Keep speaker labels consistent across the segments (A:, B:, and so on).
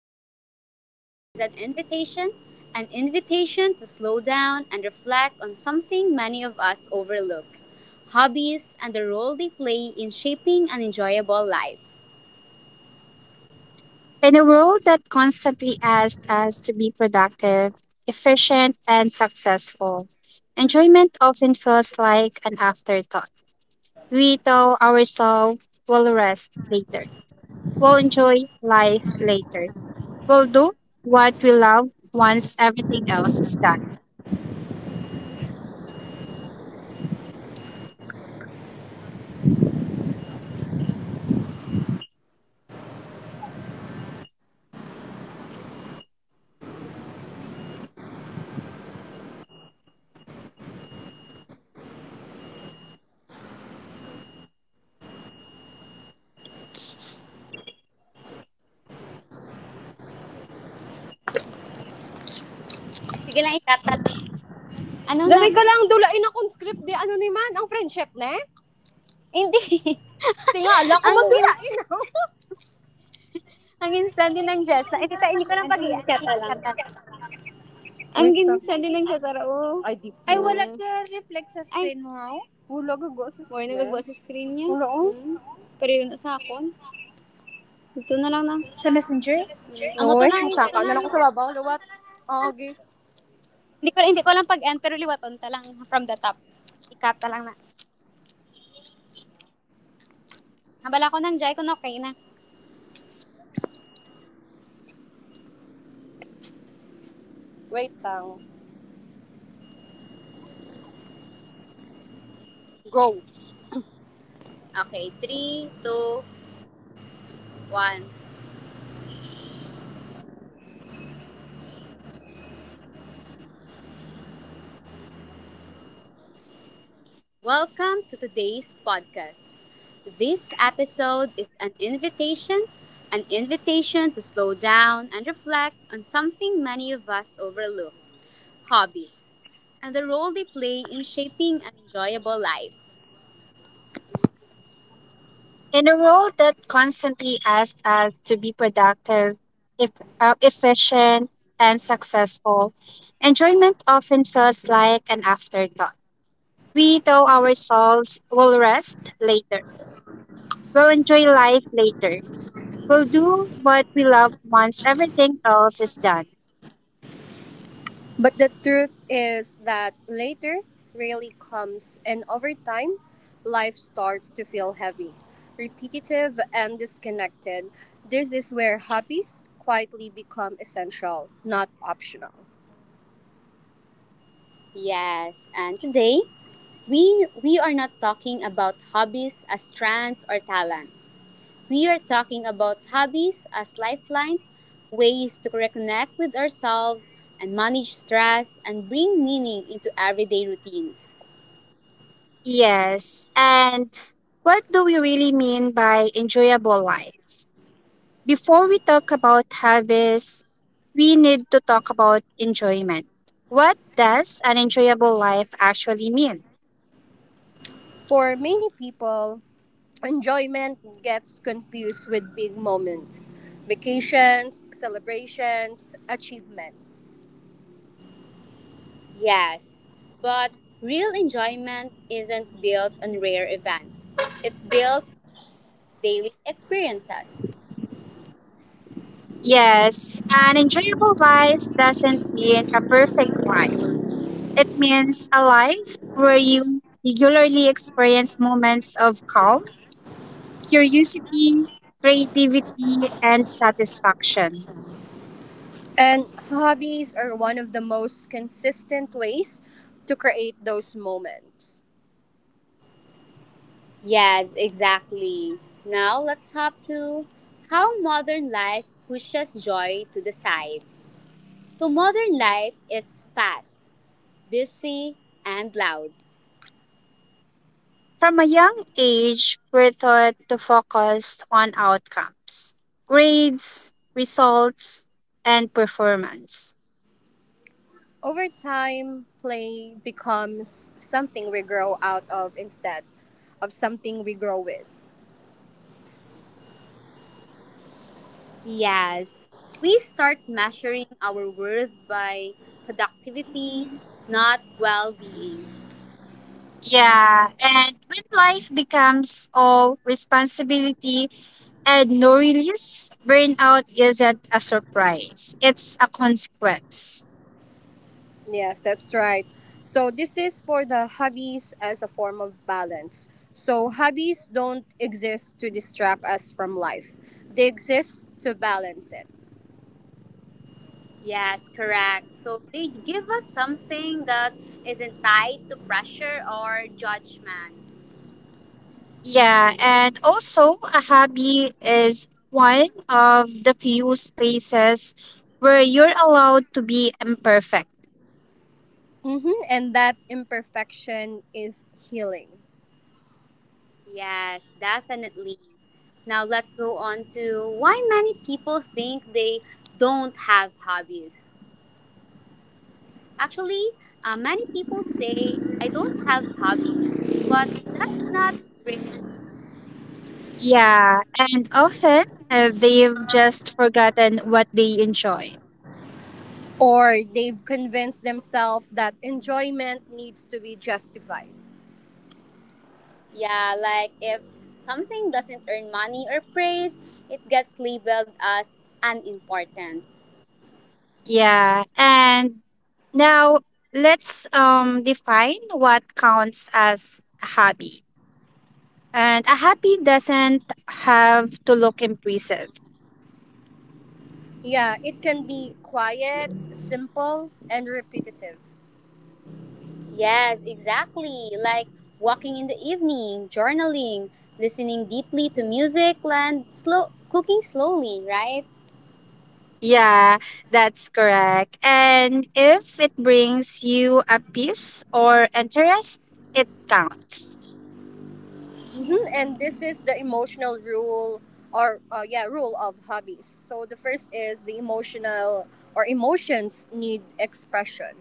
A: This episode is an invitation to slow down and reflect on something many of us overlook hobbies and the role they play in shaping an enjoyable life.
B: In a world that constantly asks us to be productive, efficient, and successful, enjoyment often feels like an afterthought. We tell ourselves we'll rest later, we'll enjoy life later, we'll do what we love once everything else is done.
A: Sige lang, ikata lang. Ano na?
C: Dari ka lang dulain akong script di ano ni man, ang friendship ne?
A: Hindi.
C: Tingala ko
A: ang
C: man
A: gin
C: dulain ako.
A: ang insan din ng Jessa. Eh, tita, hindi ko lang
C: Ang
A: pag-i-end.
C: kata lang.
A: Ikata lang.
C: Ang ginsa din
A: Ito
C: lang siya sa rao. Ay, di Ay, wala ka sa screen mo, ha? Wala ka go sa Boy, nagagawa sa screen niya. Wala ko. Hmm. Pero yun sa akon. Ito na lang na. Ang ito na lang. Ang saka.
A: na ang
C: Nalang ko sa babaw. Luwat. Ah, okay.
A: Hindi ko lang pag-end, pero liwaton ta lang from the top. Ikata lang na. Hambala ko ng Jai kung okay na.
C: Wait lang. Go.
A: Okay, three, two, one. Welcome to today's podcast. This episode is an invitation to slow down and reflect on something many of us overlook hobbies and the role they play in shaping an enjoyable life.
B: In a world that constantly asks us to be productive, if, efficient, and successful, enjoyment often feels like an afterthought. We tell ourselves we'll rest later. We'll enjoy life later. We'll do what we love once everything else is done.
C: But the truth is that later really comes, and over time, life starts to feel heavy, repetitive, and disconnected. This is where hobbies quietly become essential, not optional.
A: Yes, and today we are not talking about hobbies as trends or talents. We are talking about hobbies as lifelines, ways to reconnect with ourselves and manage stress and bring meaning into everyday routines.
B: Yes. And What do we really mean by enjoyable life? Before we talk about habits, we need to talk about enjoyment. What does an enjoyable life actually mean?
C: For many people, enjoyment gets confused with big moments, vacations, celebrations, achievements.
A: Yes, but real enjoyment isn't built on rare events, it's built on daily experiences.
B: Yes, an enjoyable life doesn't mean a perfect life. It means a life where you regularly experience moments of calm, curiosity, creativity, and satisfaction.
C: And hobbies are one of the most consistent ways to create those moments.
A: Yes, exactly. Now let's hop to how modern life pushes joy to the side. So, modern life is fast, busy, and loud.
B: From a young age, we're taught to focus on outcomes, grades, results, and performance.
C: Over time, play becomes something we grow out of instead of something we grow with.
A: Yes, we start measuring our worth by productivity, not well being.
B: Yeah, and when life becomes all responsibility and no release, burnout isn't a surprise, it's a consequence.
C: Yes, that's right. So, this is for the hobbies as a form of balance. So, hobbies don't exist to distract us from life, they exist to balance it.
A: Yes, correct. So they give us something that isn't tied to pressure or judgment.
B: Yeah, and also a hobby is one of the few spaces where you're allowed to be imperfect.
C: And that imperfection is healing.
A: Yes, definitely. Now let's go on to why many people think they don't have hobbies. Actually, many people say, I don't have hobbies, but that's not really.
B: Yeah, and often they've just forgotten what they enjoy.
C: Or they've convinced themselves that enjoyment needs to be justified.
A: Yeah, like if something doesn't earn money or praise, it gets labeled as unimportant.
B: Yeah, and now let's define what counts as a hobby. And a happy doesn't have to look impressive.
C: Yeah, it can be quiet, simple, and repetitive.
A: Yes, exactly. Like walking in the evening, journaling, listening deeply to music, and slow cooking slowly, right?
B: Yeah, that's correct. And if it brings you a peace or interest, it counts.
C: Mhm, and this is the emotional rule or yeah, rule of hobbies. So the first is the emotional or emotions need expression.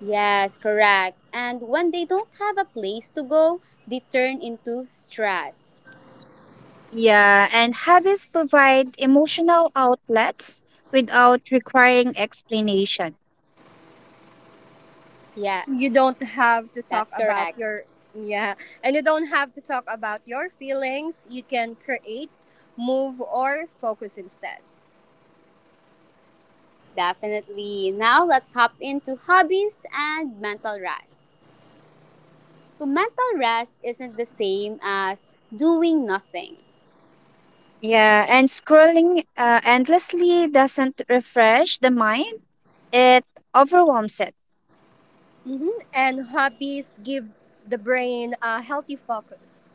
A: Yes, correct. And when they don't have a place to go, they turn into stress.
B: Yeah, and hobbies provide emotional outlets without requiring explanation.
A: Yeah,
C: You don't have to talk
A: that's
C: about
A: correct.
C: your, yeah, and you don't have to talk about your feelings. You can create, move or focus instead.
A: Definitely. Now let's hop into hobbies and mental rest. So mental rest isn't the same as doing nothing.
B: Yeah, and scrolling endlessly doesn't refresh the mind, it overwhelms it.
C: And hobbies give the brain a healthy focus.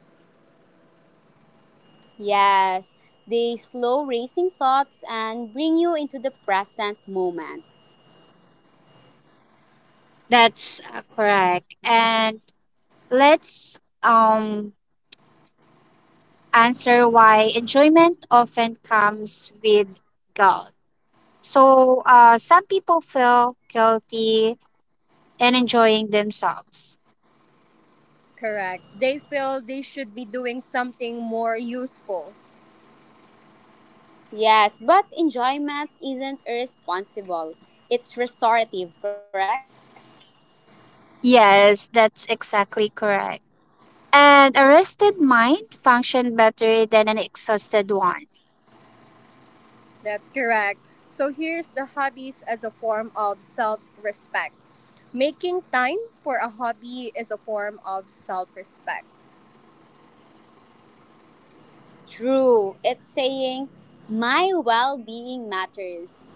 A: Yes, they slow racing thoughts and bring you into the present moment.
B: That's correct. And let's answer why enjoyment often comes with guilt. So, some people feel guilty in enjoying themselves.
C: Correct. They feel they should be doing something more useful.
A: Yes, but enjoyment isn't irresponsible. It's restorative, correct?
B: Yes, that's exactly correct. And a rested mind functions better than an exhausted one.
C: That's correct. So here's the hobbies as a form of self respect. Making time for a hobby is a form of self respect.
A: True. It's saying my well-being matters.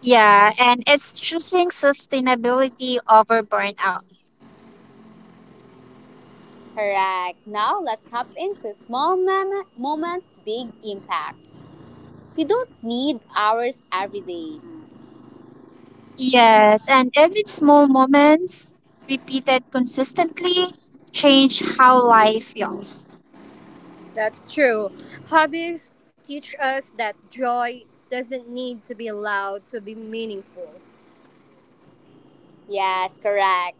B: Yeah, and it's choosing sustainability over burnout.
A: Correct. Now let's hop into small moments, big impact. You don't need hours every day.
B: Yes, and even small moments repeated consistently change how life feels.
C: That's true. Hobbies teach us that joy doesn't need to be loud to be meaningful.
A: Yes, correct.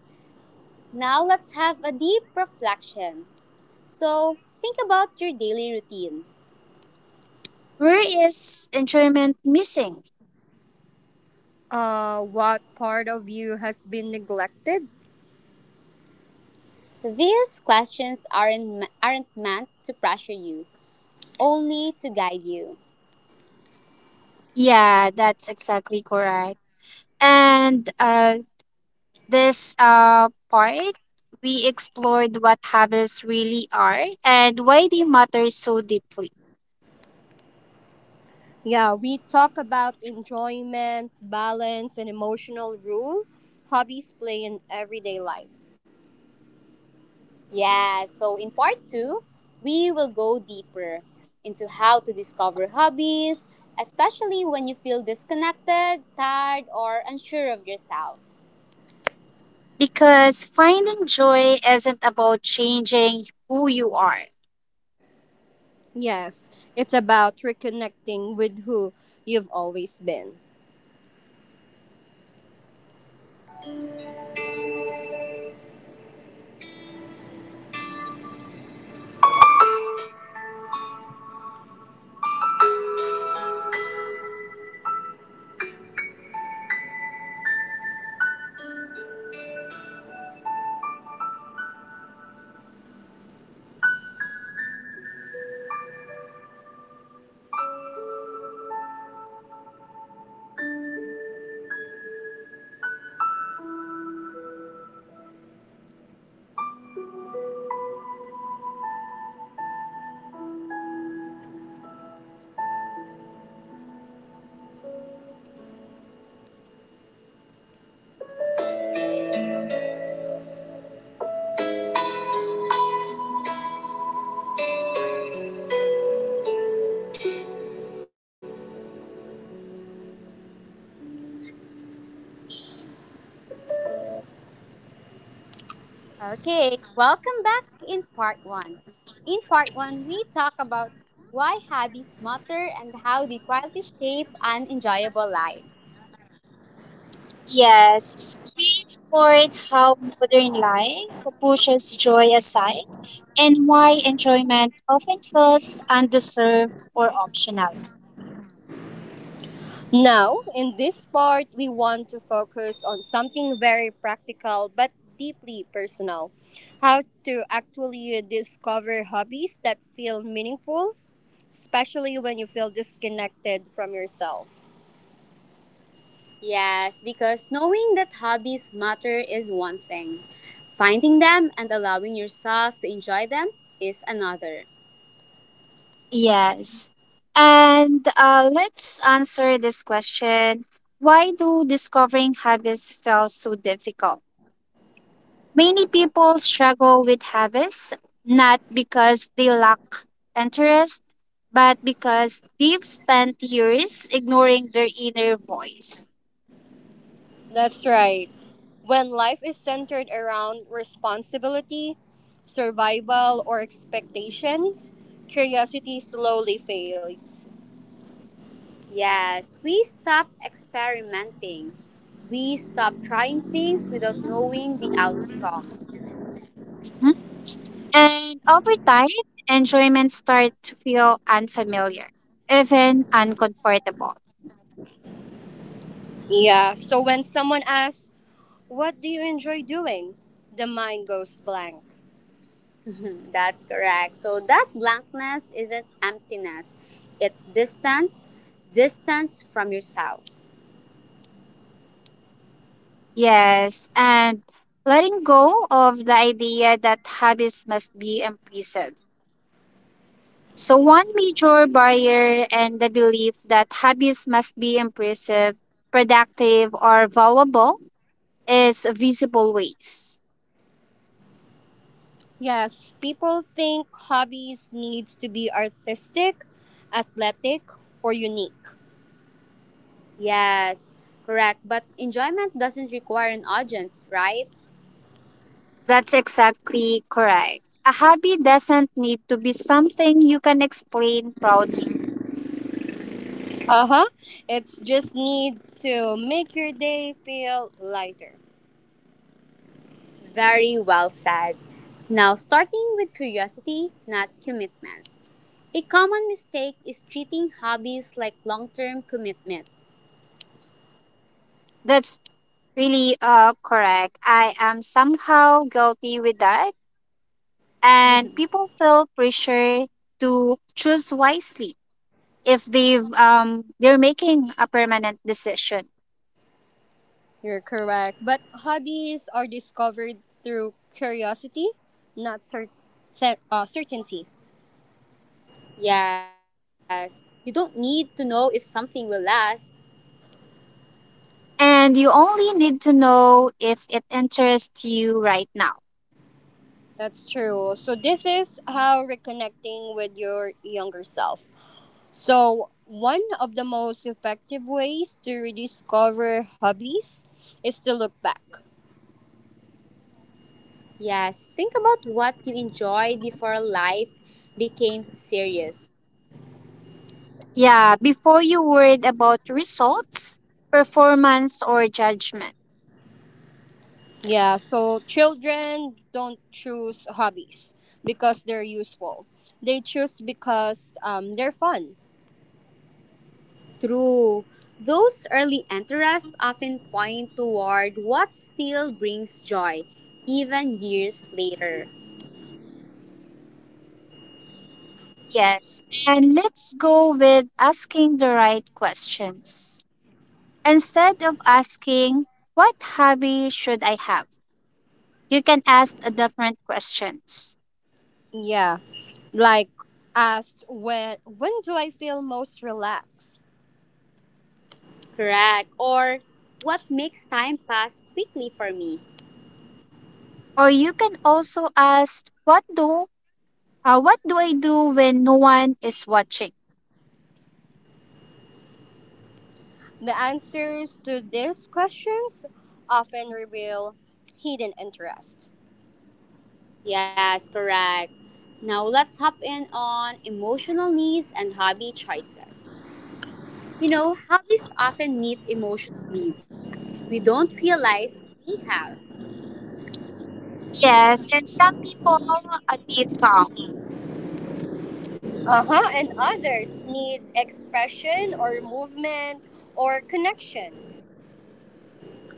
A: Now let's have a deep reflection. So, think about your daily routine.
B: Where is enjoyment missing?
C: What part of you has been neglected?
A: These questions aren't meant to pressure you, only to guide you.
B: Yeah, that's exactly correct. And this part, we explored what habits really are and why they matter so deeply.
C: Yeah, we talk about enjoyment, balance, and emotional rule hobbies play in everyday life.
A: Yeah, so in part 2, we will go deeper into how to discover hobbies, especially when you feel disconnected, tired, or unsure of yourself.
B: Because finding joy isn't about changing who you are.
C: Yes, it's about reconnecting with who you've always been.
A: Okay, welcome back in part one. In part one, we talk about why hobbies matter and how they quietly shape an enjoyable life.
B: Yes, we explored how modern life pushes joy aside and why enjoyment often feels undeserved or optional.
C: Now, in this part, we want to focus on something very practical but deeply personal, how to actually discover hobbies that feel meaningful, especially when you feel disconnected from yourself.
A: Yes, because knowing that hobbies matter is one thing, finding them and allowing yourself to enjoy them is another.
B: Yes. And let's answer this question. Why do discovering habits felt so difficult? Many people struggle with habits not because they lack interest, but because they've spent years ignoring their inner voice.
C: That's right. When life is centered around responsibility, survival, or expectations, curiosity slowly fades.
A: Yes, we stop experimenting. We stop trying things without knowing the outcome.
B: Mhm. And over time, enjoyment starts to feel unfamiliar, even uncomfortable.
C: Yeah, so when someone asks, what do you enjoy doing? The mind goes blank.
A: Mhm. That's correct. So that blankness isn't emptiness, it's distance, distance from yourself.
B: Yes, and letting go of the idea that habits must be imprisoned. So, one major barrier and the belief that habits must be impressive, productive, or valuable is visible ways.
C: Yes, people think hobbies needs to be artistic, athletic, or unique.
A: Yes, correct. But enjoyment doesn't require an audience, right?
B: That's exactly correct. A hobby doesn't need to be something you can explain proudly.
C: Uh-huh. It just needs to make your day feel lighter.
A: Very well said. Now, starting with curiosity, not commitment. A common mistake is treating hobbies like long term commitments.
B: That's really correct. I am somehow guilty with that, and people feel pressure to choose wisely if they're making a permanent decision,
C: You're correct. But hobbies are discovered through curiosity, not certainty.
A: Yes, you don't need to know if something will last.
B: and you only need to know if it interests you right now.
C: That's true. So, this is how reconnecting with your younger self. So, one of the most effective ways to rediscover hobbies is to look back.
A: Yes, think about what you enjoyed before life became serious.
B: Yeah, before you worried about results, performance, or judgment.
C: Yeah, so children don't choose hobbies because they're useful, they choose because they're fun.
A: True. Those early interests often point toward what still brings joy, even years later.
B: Yes, and let's go with asking the right questions instead of asking what hobby should I have. You can ask a different questions,
C: Yeah. Like asked, when do I feel most relaxed?
A: Correct. Or what makes time pass quickly for me.
B: or you can also ask, what do I do when no one is watching?
C: The answers to these questions often reveal hidden interest.
A: Yes, correct. Now let's hop in on emotional needs and hobby choices. You know, hobbies often meet emotional needs we don't realize we have.
B: Yes, and some people need calm.
C: Uh-huh, and others need expression or movement or connection.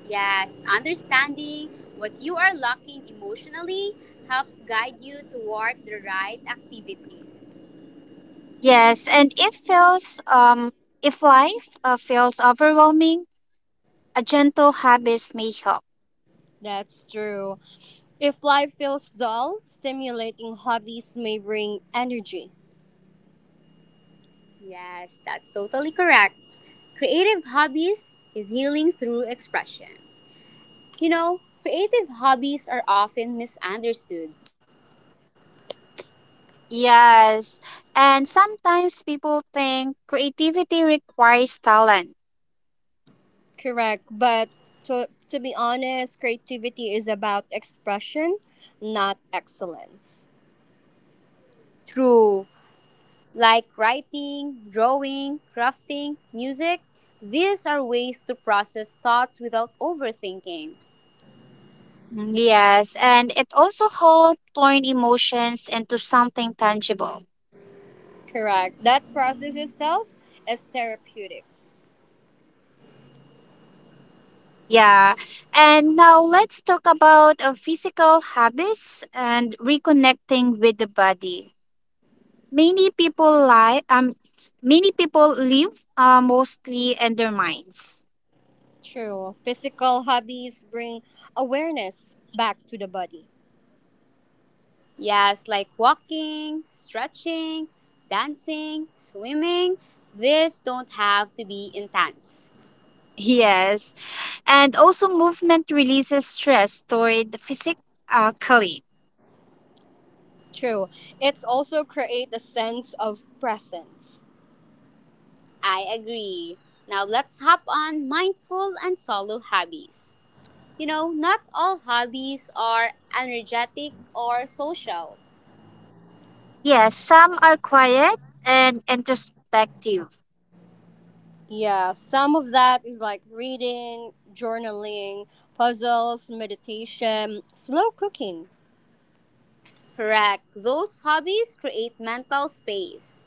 A: Yes, understanding what you are lacking emotionally helps guide you toward the right activities.
B: Yes, and if life feels overwhelming, a gentle habits may help.
C: That's true. If life feels dull, stimulating hobbies may bring energy.
A: Yes, that's totally correct. Creative hobbies is healing through expression. You know, creative hobbies are often misunderstood.
B: Yes, and sometimes people think creativity requires talent.
C: Correct, but to be honest, creativity is about expression, not excellence.
A: True, like writing, drawing, crafting, music, these are ways to process thoughts without overthinking.
B: Mm, yes, and it also helps turn emotions into something tangible.
C: Correct. That process itself is therapeutic.
B: Yeah. And now let's talk about physical habits and reconnecting with the body. Many people lie um many people live mostly in their minds.
C: True. Physical hobbies bring awareness back to the body.
A: Yes, like walking, stretching, dancing, swimming. These don't have to be intense.
B: Yes. And also movement releases stress toward the physically.
C: True. It's also create a sense of presence.
A: I agree. Now let's hop on mindful and solo hobbies. You know, not all hobbies are energetic or social.
B: Yes, some are quiet and introspective.
C: Yeah, some of that is like reading, journaling, puzzles, meditation, slow cooking.
A: Correct. Those hobbies create mental space.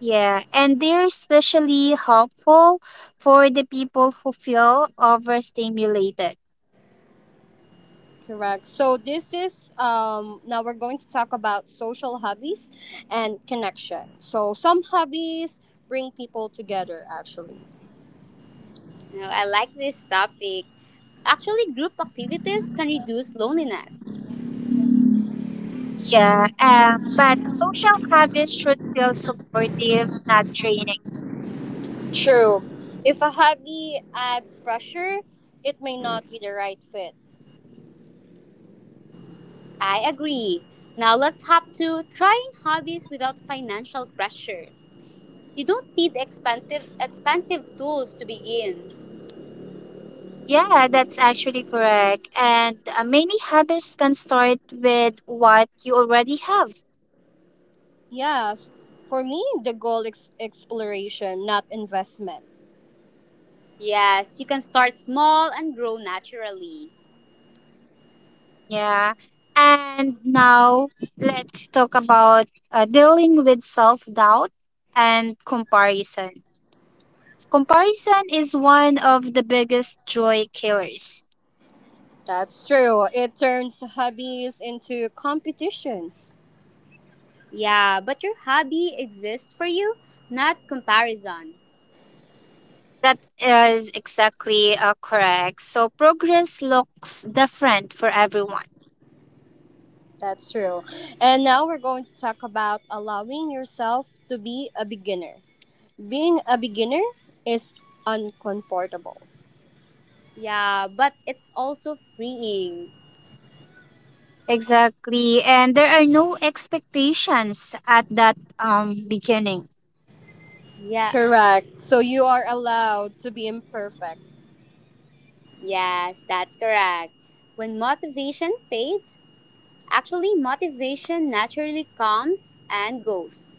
B: Yeah, and they're especially helpful for the people who feel overstimulated.
C: Correct. So this is now we're going to talk about social hobbies and connection. So some hobbies bring people together actually.
A: You know, I like this topic. Actually, group activities can reduce loneliness.
B: Yeah, but social habits should feel supportive, not draining.
C: True. If a hobby adds pressure, it may not be the right fit.
A: I agree. Now let's hop to trying hobbies without financial pressure. You don't need expensive tools to begin.
B: Yeah, that's actually correct. And many habits can start with what you already have.
C: Yes. For me, the goal is exploration, not investment.
A: Yes, you can start small and grow naturally.
B: Yeah. And now let's talk about dealing with self doubt and comparison. Comparison is one of the biggest joy killers.
C: That's true. It turns hobbies into competitions.
A: Yeah, but your hobby exists for you, not comparison.
B: That is exactly correct. So progress looks different for everyone.
C: That's true. And now we're going to talk about allowing yourself to be a beginner. Being a beginner is uncomfortable.
A: Yeah, but it's also freeing.
B: Exactly. And there are no expectations at that beginning.
A: Yeah,
C: Correct. So you are allowed to be imperfect.
A: yes, that's correct. When motivation fades, actually motivation naturally comes and goes.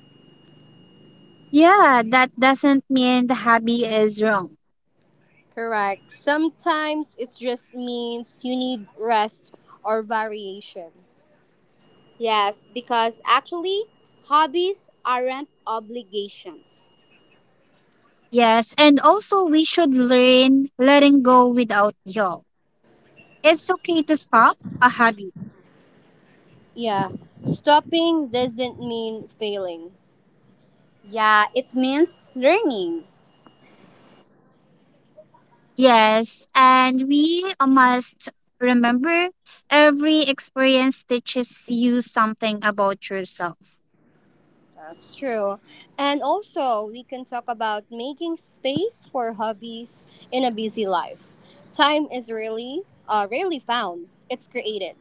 B: Yeah, that doesn't mean the hobby is wrong.
C: Correct. Sometimes it just means you need rest or variation.
A: Yes, because actually, hobbies aren't obligations.
B: Yes, and also we should learn letting go without guilt. It's okay to stop a hobby.
C: Yeah. Stopping doesn't mean failing.
A: Yeah, it means learning.
B: Yes, and we must remember every experience teaches you something about yourself.
C: That's true. And also, we can talk about making space for hobbies in a busy life. Time is really, rarely found. It's created.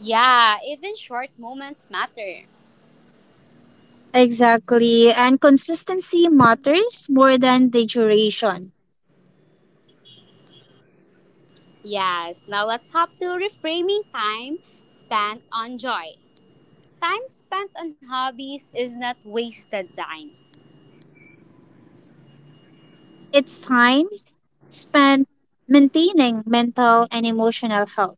A: Yeah, even short moments matter.
B: Exactly. And consistency matters more than the duration.
A: Yes, now let's hop to reframing time spent on joy. Time spent on hobbies is not wasted time.
B: It's time spent maintaining mental and emotional health.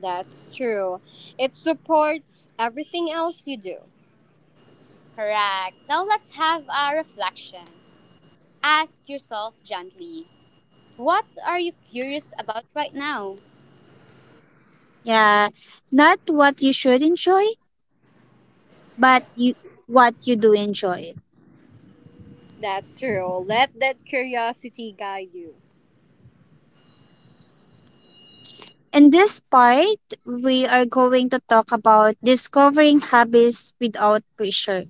C: That's true. It supports everything else you do.
A: Correct. Now let's have a reflection. Ask yourself gently, what are you curious about right now?
B: Yeah, not what you should enjoy, but you, what you do enjoy.
C: That's true. Let that curiosity guide you.
B: In this part, we are going to talk about discovering hobbies without pressure.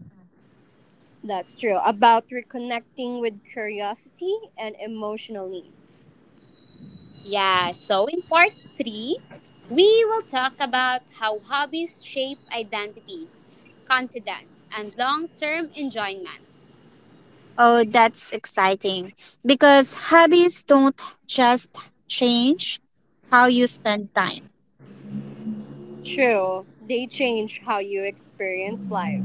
C: That's true. About reconnecting with curiosity and emotional needs.
A: Yeah, so in part three, we will talk about how hobbies shape identity, confidence, and long term enjoyment.
B: Oh, that's exciting. Because hobbies don't just change how you spend time.
C: True. They change how you experience life.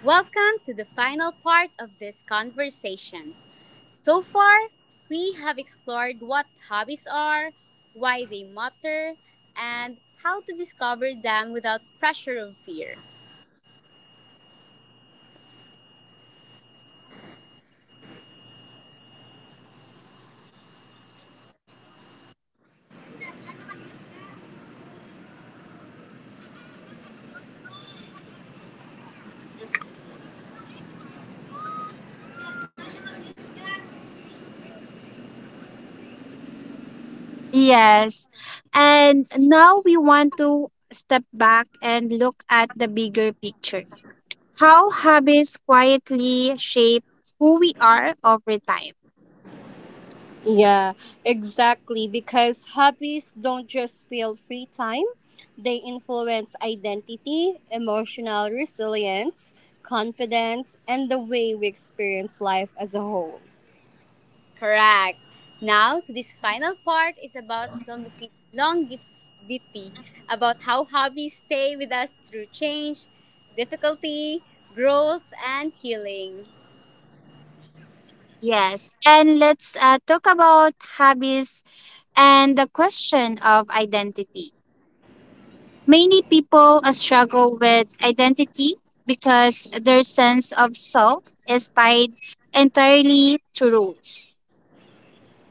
A: Welcome to the final part of this conversation. So far, we have explored what hobbies are, why they matter, and how to discover them without pressure or fear.
B: Yes. And now we want to step back and look at the bigger picture. How habits quietly shape who we are over time.
C: Yeah, exactly. Because hobbies don't just fill free time, they influence identity, emotional resilience, confidence, and the way we experience life as a whole.
A: Correct. Now, to this final part is about longevity, about how hobbies stay with us through change, difficulty, growth, and healing.
B: Yes, and let's talk about hobbies and the question of identity. Many people struggle with identity because their sense of self is tied entirely to rules.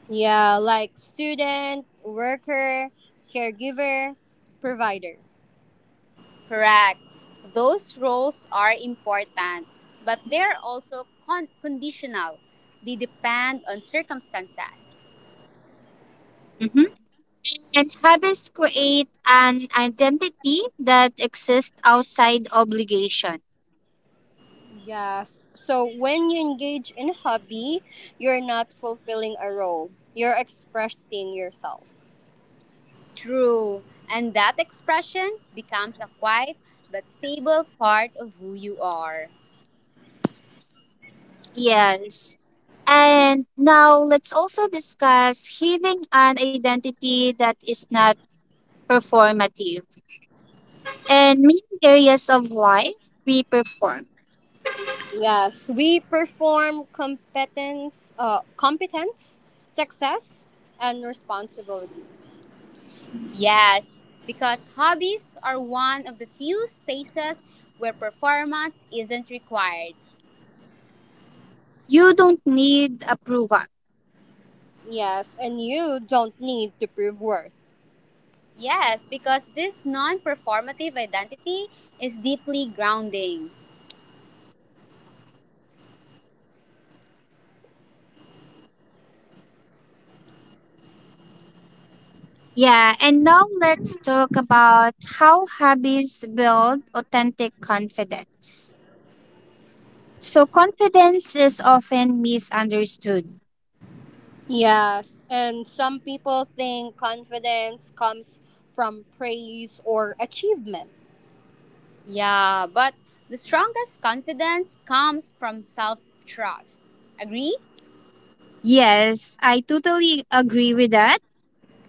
C: Yeah, like student, worker, caregiver, provider.
A: Correct. Those roles are important, but they're also conditional. They depend on circumstances.
B: Mhm. And habits create an identity that exists outside obligation.
C: Yes. So when you engage in hobby, you're not fulfilling a role. You're expressing yourself.
A: True. And that expression becomes a quiet but stable part of who you are.
B: Yes. And now let's also discuss having an identity that is not performative, and many areas of life we perform.
C: Yes, we perform competence, success, and responsibility.
A: Yes, because hobbies are one of the few spaces where performance isn't required.
B: You don't need approval.
C: Yes, and you don't need to prove worth.
A: Yes, because this non performative identity is deeply grounding.
B: Yeah, and now let's talk about how habits build authentic confidence. So, confidence is often misunderstood.
C: Yes, and some people think confidence comes from praise or achievement.
A: Yeah, but the strongest confidence comes from self trust. Agree?
B: Yes, I totally agree with that.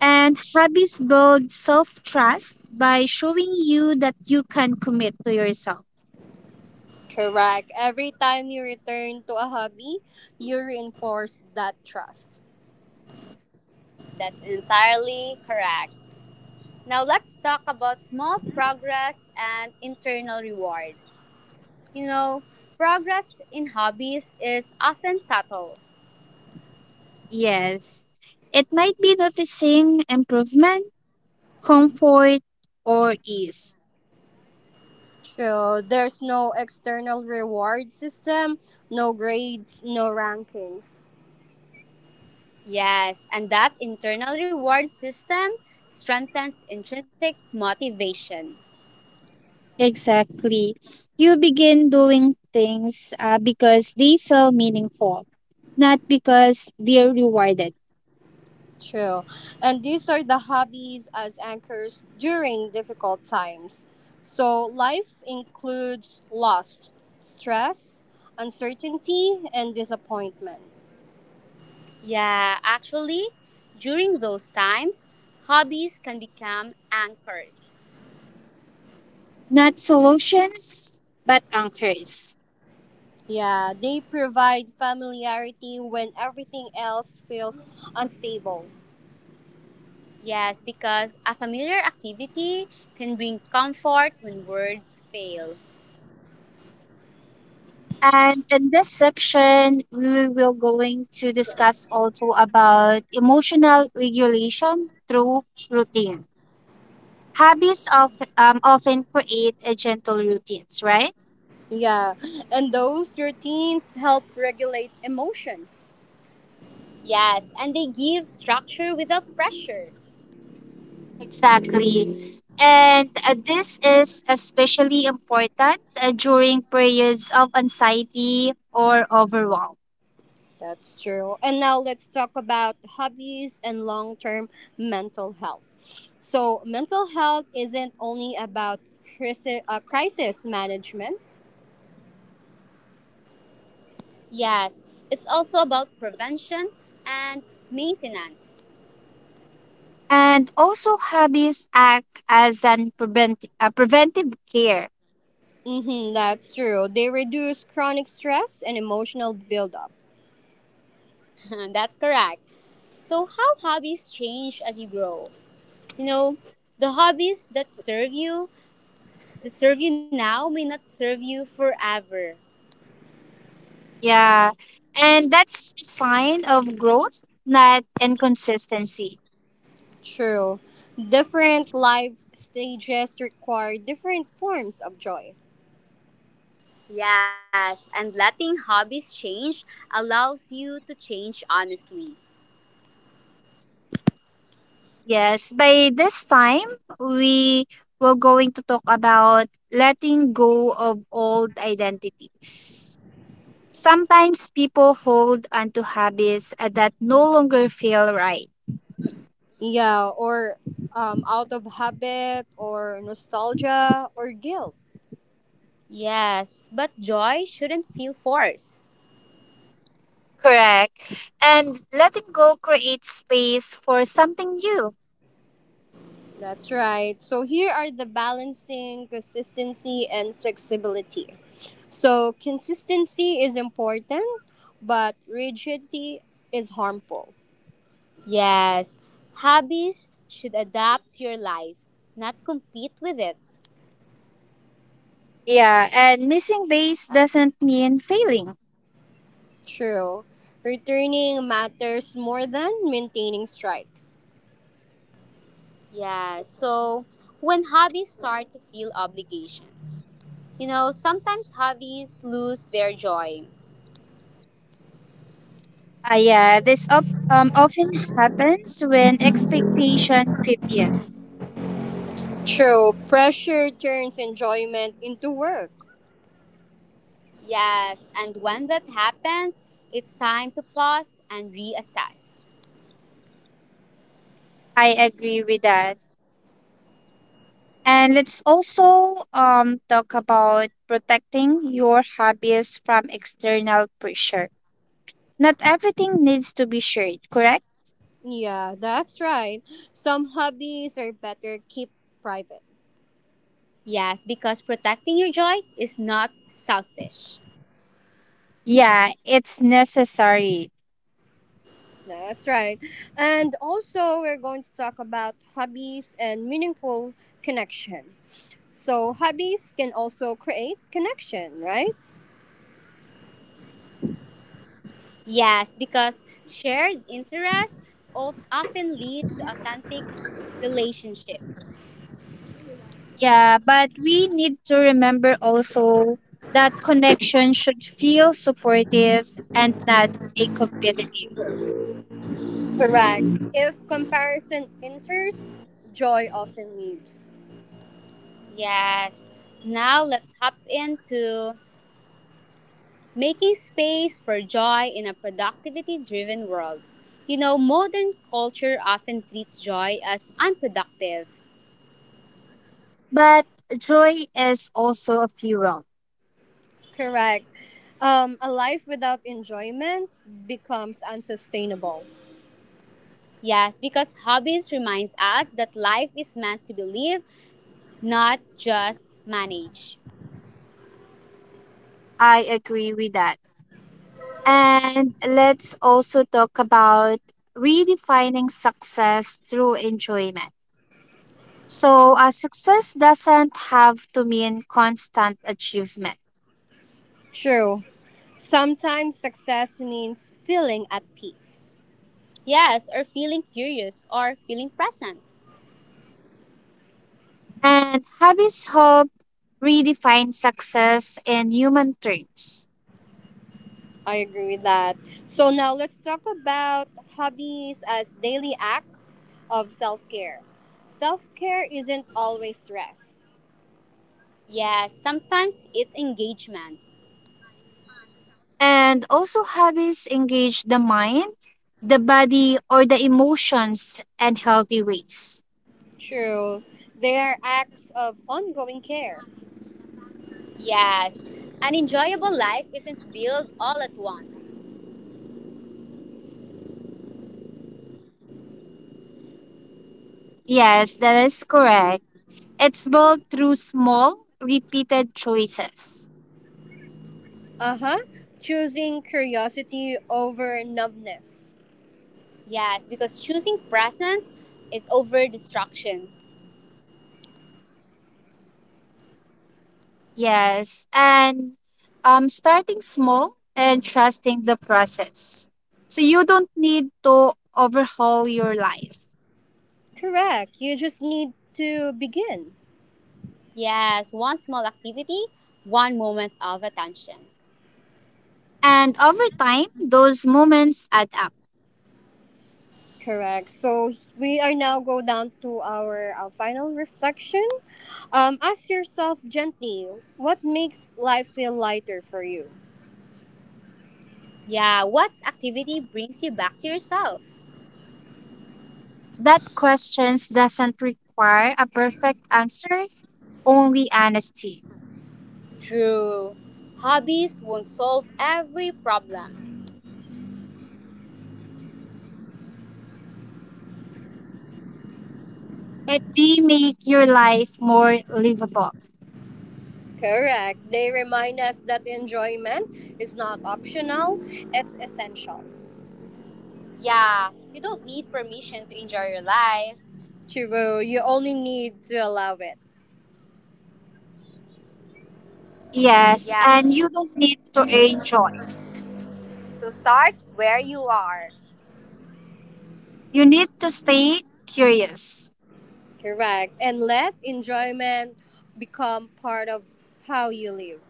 B: And habits build self trust by showing you that you can commit to yourself.
C: Correct. Every time you return to a hobby, you reinforce that trust.
A: That's entirely correct. Now let's talk about small progress and internal reward. You know, progress in hobbies is often subtle.
B: Yes. It might be noticing improvement, comfort, or ease.
C: True. There's no external reward system, no grades, no rankings.
A: Yes, and that internal reward system strengthens intrinsic motivation.
B: Exactly. You begin doing things because they feel meaningful, not because they're rewarded.
C: True. And these are the hobbies as anchors during difficult times. So life includes loss, stress, uncertainty, and disappointment.
A: Yeah, actually, during those times, hobbies can become anchors.
B: Not solutions, but anchors.
C: Yeah, they provide familiarity when everything else feels unstable.
A: Yes, because a familiar activity can bring comfort when words fail.
B: And in this section, we will going to discuss also about emotional regulation through routine. Habits often create a gentle routines, right?
C: Yeah, and those routines help regulate emotions.
A: Yes, and they give structure without pressure.
B: Exactly. And this is especially important during periods of anxiety or overwhelm.
C: That's true. And now let's talk about hobbies and long term mental health. So, mental health isn't only about crisis management.
A: Yes, it's also about prevention and maintenance.
B: And also, hobbies act as an preventive care.
C: Mm-hmm, that's true. They reduce chronic stress and emotional buildup.
A: That's correct. So, how hobbies change as you grow? You know, the hobbies that serve you now, may not serve you forever.
B: Yeah. And that's a sign of growth, not inconsistency.
C: True. Different life stages require different forms of joy.
A: Yes, and letting hobbies change allows you to change honestly.
B: Yes. By this time, we were going to talk about letting go of old identities. Sometimes people hold onto hobbies that no longer feel right.
C: Yeah, or out of habit, or nostalgia, or guilt.
A: Yes, but joy shouldn't feel forced.
B: Correct. And letting go creates space for something new.
C: That's right. So here are the balancing consistency and flexibility. So consistency is important, but rigidity is harmful.
A: Yes, hobbies should adapt to your life, not compete with it.
B: Yeah, and missing days doesn't mean failing.
C: True. Returning matters more than maintaining strikes.
A: Yeah, so when hobbies start to feel obligations, you know, sometimes hobbies lose their joy.
B: Yeah, this of often happens when expectation creep in.
C: True. Pressure turns enjoyment into work.
A: Yes, and when that happens, it's time to pause and reassess.
B: I agree with that. And let's also talk about protecting your hobbies from external pressure. Not everything needs to be shared, correct?
C: Yeah, that's right. Some hobbies are better kept private.
A: Yes, because protecting your joy is not selfish.
B: Yeah, it's necessary.
C: No, that's right. And also, we're going to talk about hobbies and meaningful connection. So, hobbies can also create connection, right?
A: Yes, because shared interest often lead to authentic relationships.
B: Yeah, but we need to remember also that connection should feel supportive and not a competitive.
C: Correct. If comparison enters, joy often leaves.
A: Yes, now let's hop into making space for joy in a productivity driven world. You know, modern culture often treats joy as unproductive.
B: But joy is also a fuel.
C: Correct. A life without enjoyment becomes unsustainable.
A: Yes, because hobbies reminds us that life is meant to be lived, not just managed.
B: I agree with that. And let's also talk about redefining success through enjoyment. So, success doesn't have to mean constant achievement.
C: True. Sometimes success means feeling at peace.
A: Yes, or feeling curious or feeling present.
B: And habits help redefine success in human terms.
C: I agree with that. So now let's talk about hobbies as daily acts of self care. Self care isn't always rest.
A: Yes, sometimes it's engagement.
B: And also, habits engage the mind, the body, or the emotions in healthy ways.
C: True. They are acts of ongoing care.
A: Yes, an enjoyable life isn't built all at once.
B: Yes, that is correct. It's built through small, repeated choices.
C: Uh huh. Choosing curiosity over numbness.
A: Yes, because choosing presence is over distraction.
B: Yes, and starting small and trusting the process. So you don't need to overhaul your life.
C: Correct. You just need to begin.
A: Yes, one small activity, one moment of attention.
B: And over time, those moments add up.
C: Correct. So we are now go down to our, final reflection. Ask yourself gently, what makes life feel lighter for you?
A: Yeah, what activity brings you back to yourself?
B: That questions doesn't require a perfect answer, only honesty.
A: True. Hobbies won't solve every problem.
B: But they make your life more livable.
C: Correct. They remind us that enjoyment is not optional, it's essential.
A: Yeah, you don't need permission to enjoy your life.
C: True, you only need to allow it.
B: Yes,
A: Yeah,
B: and you don't need to earn joy.
A: so start where you are.
B: You need to stay curious.
C: Correct. And let enjoyment become part of how you live.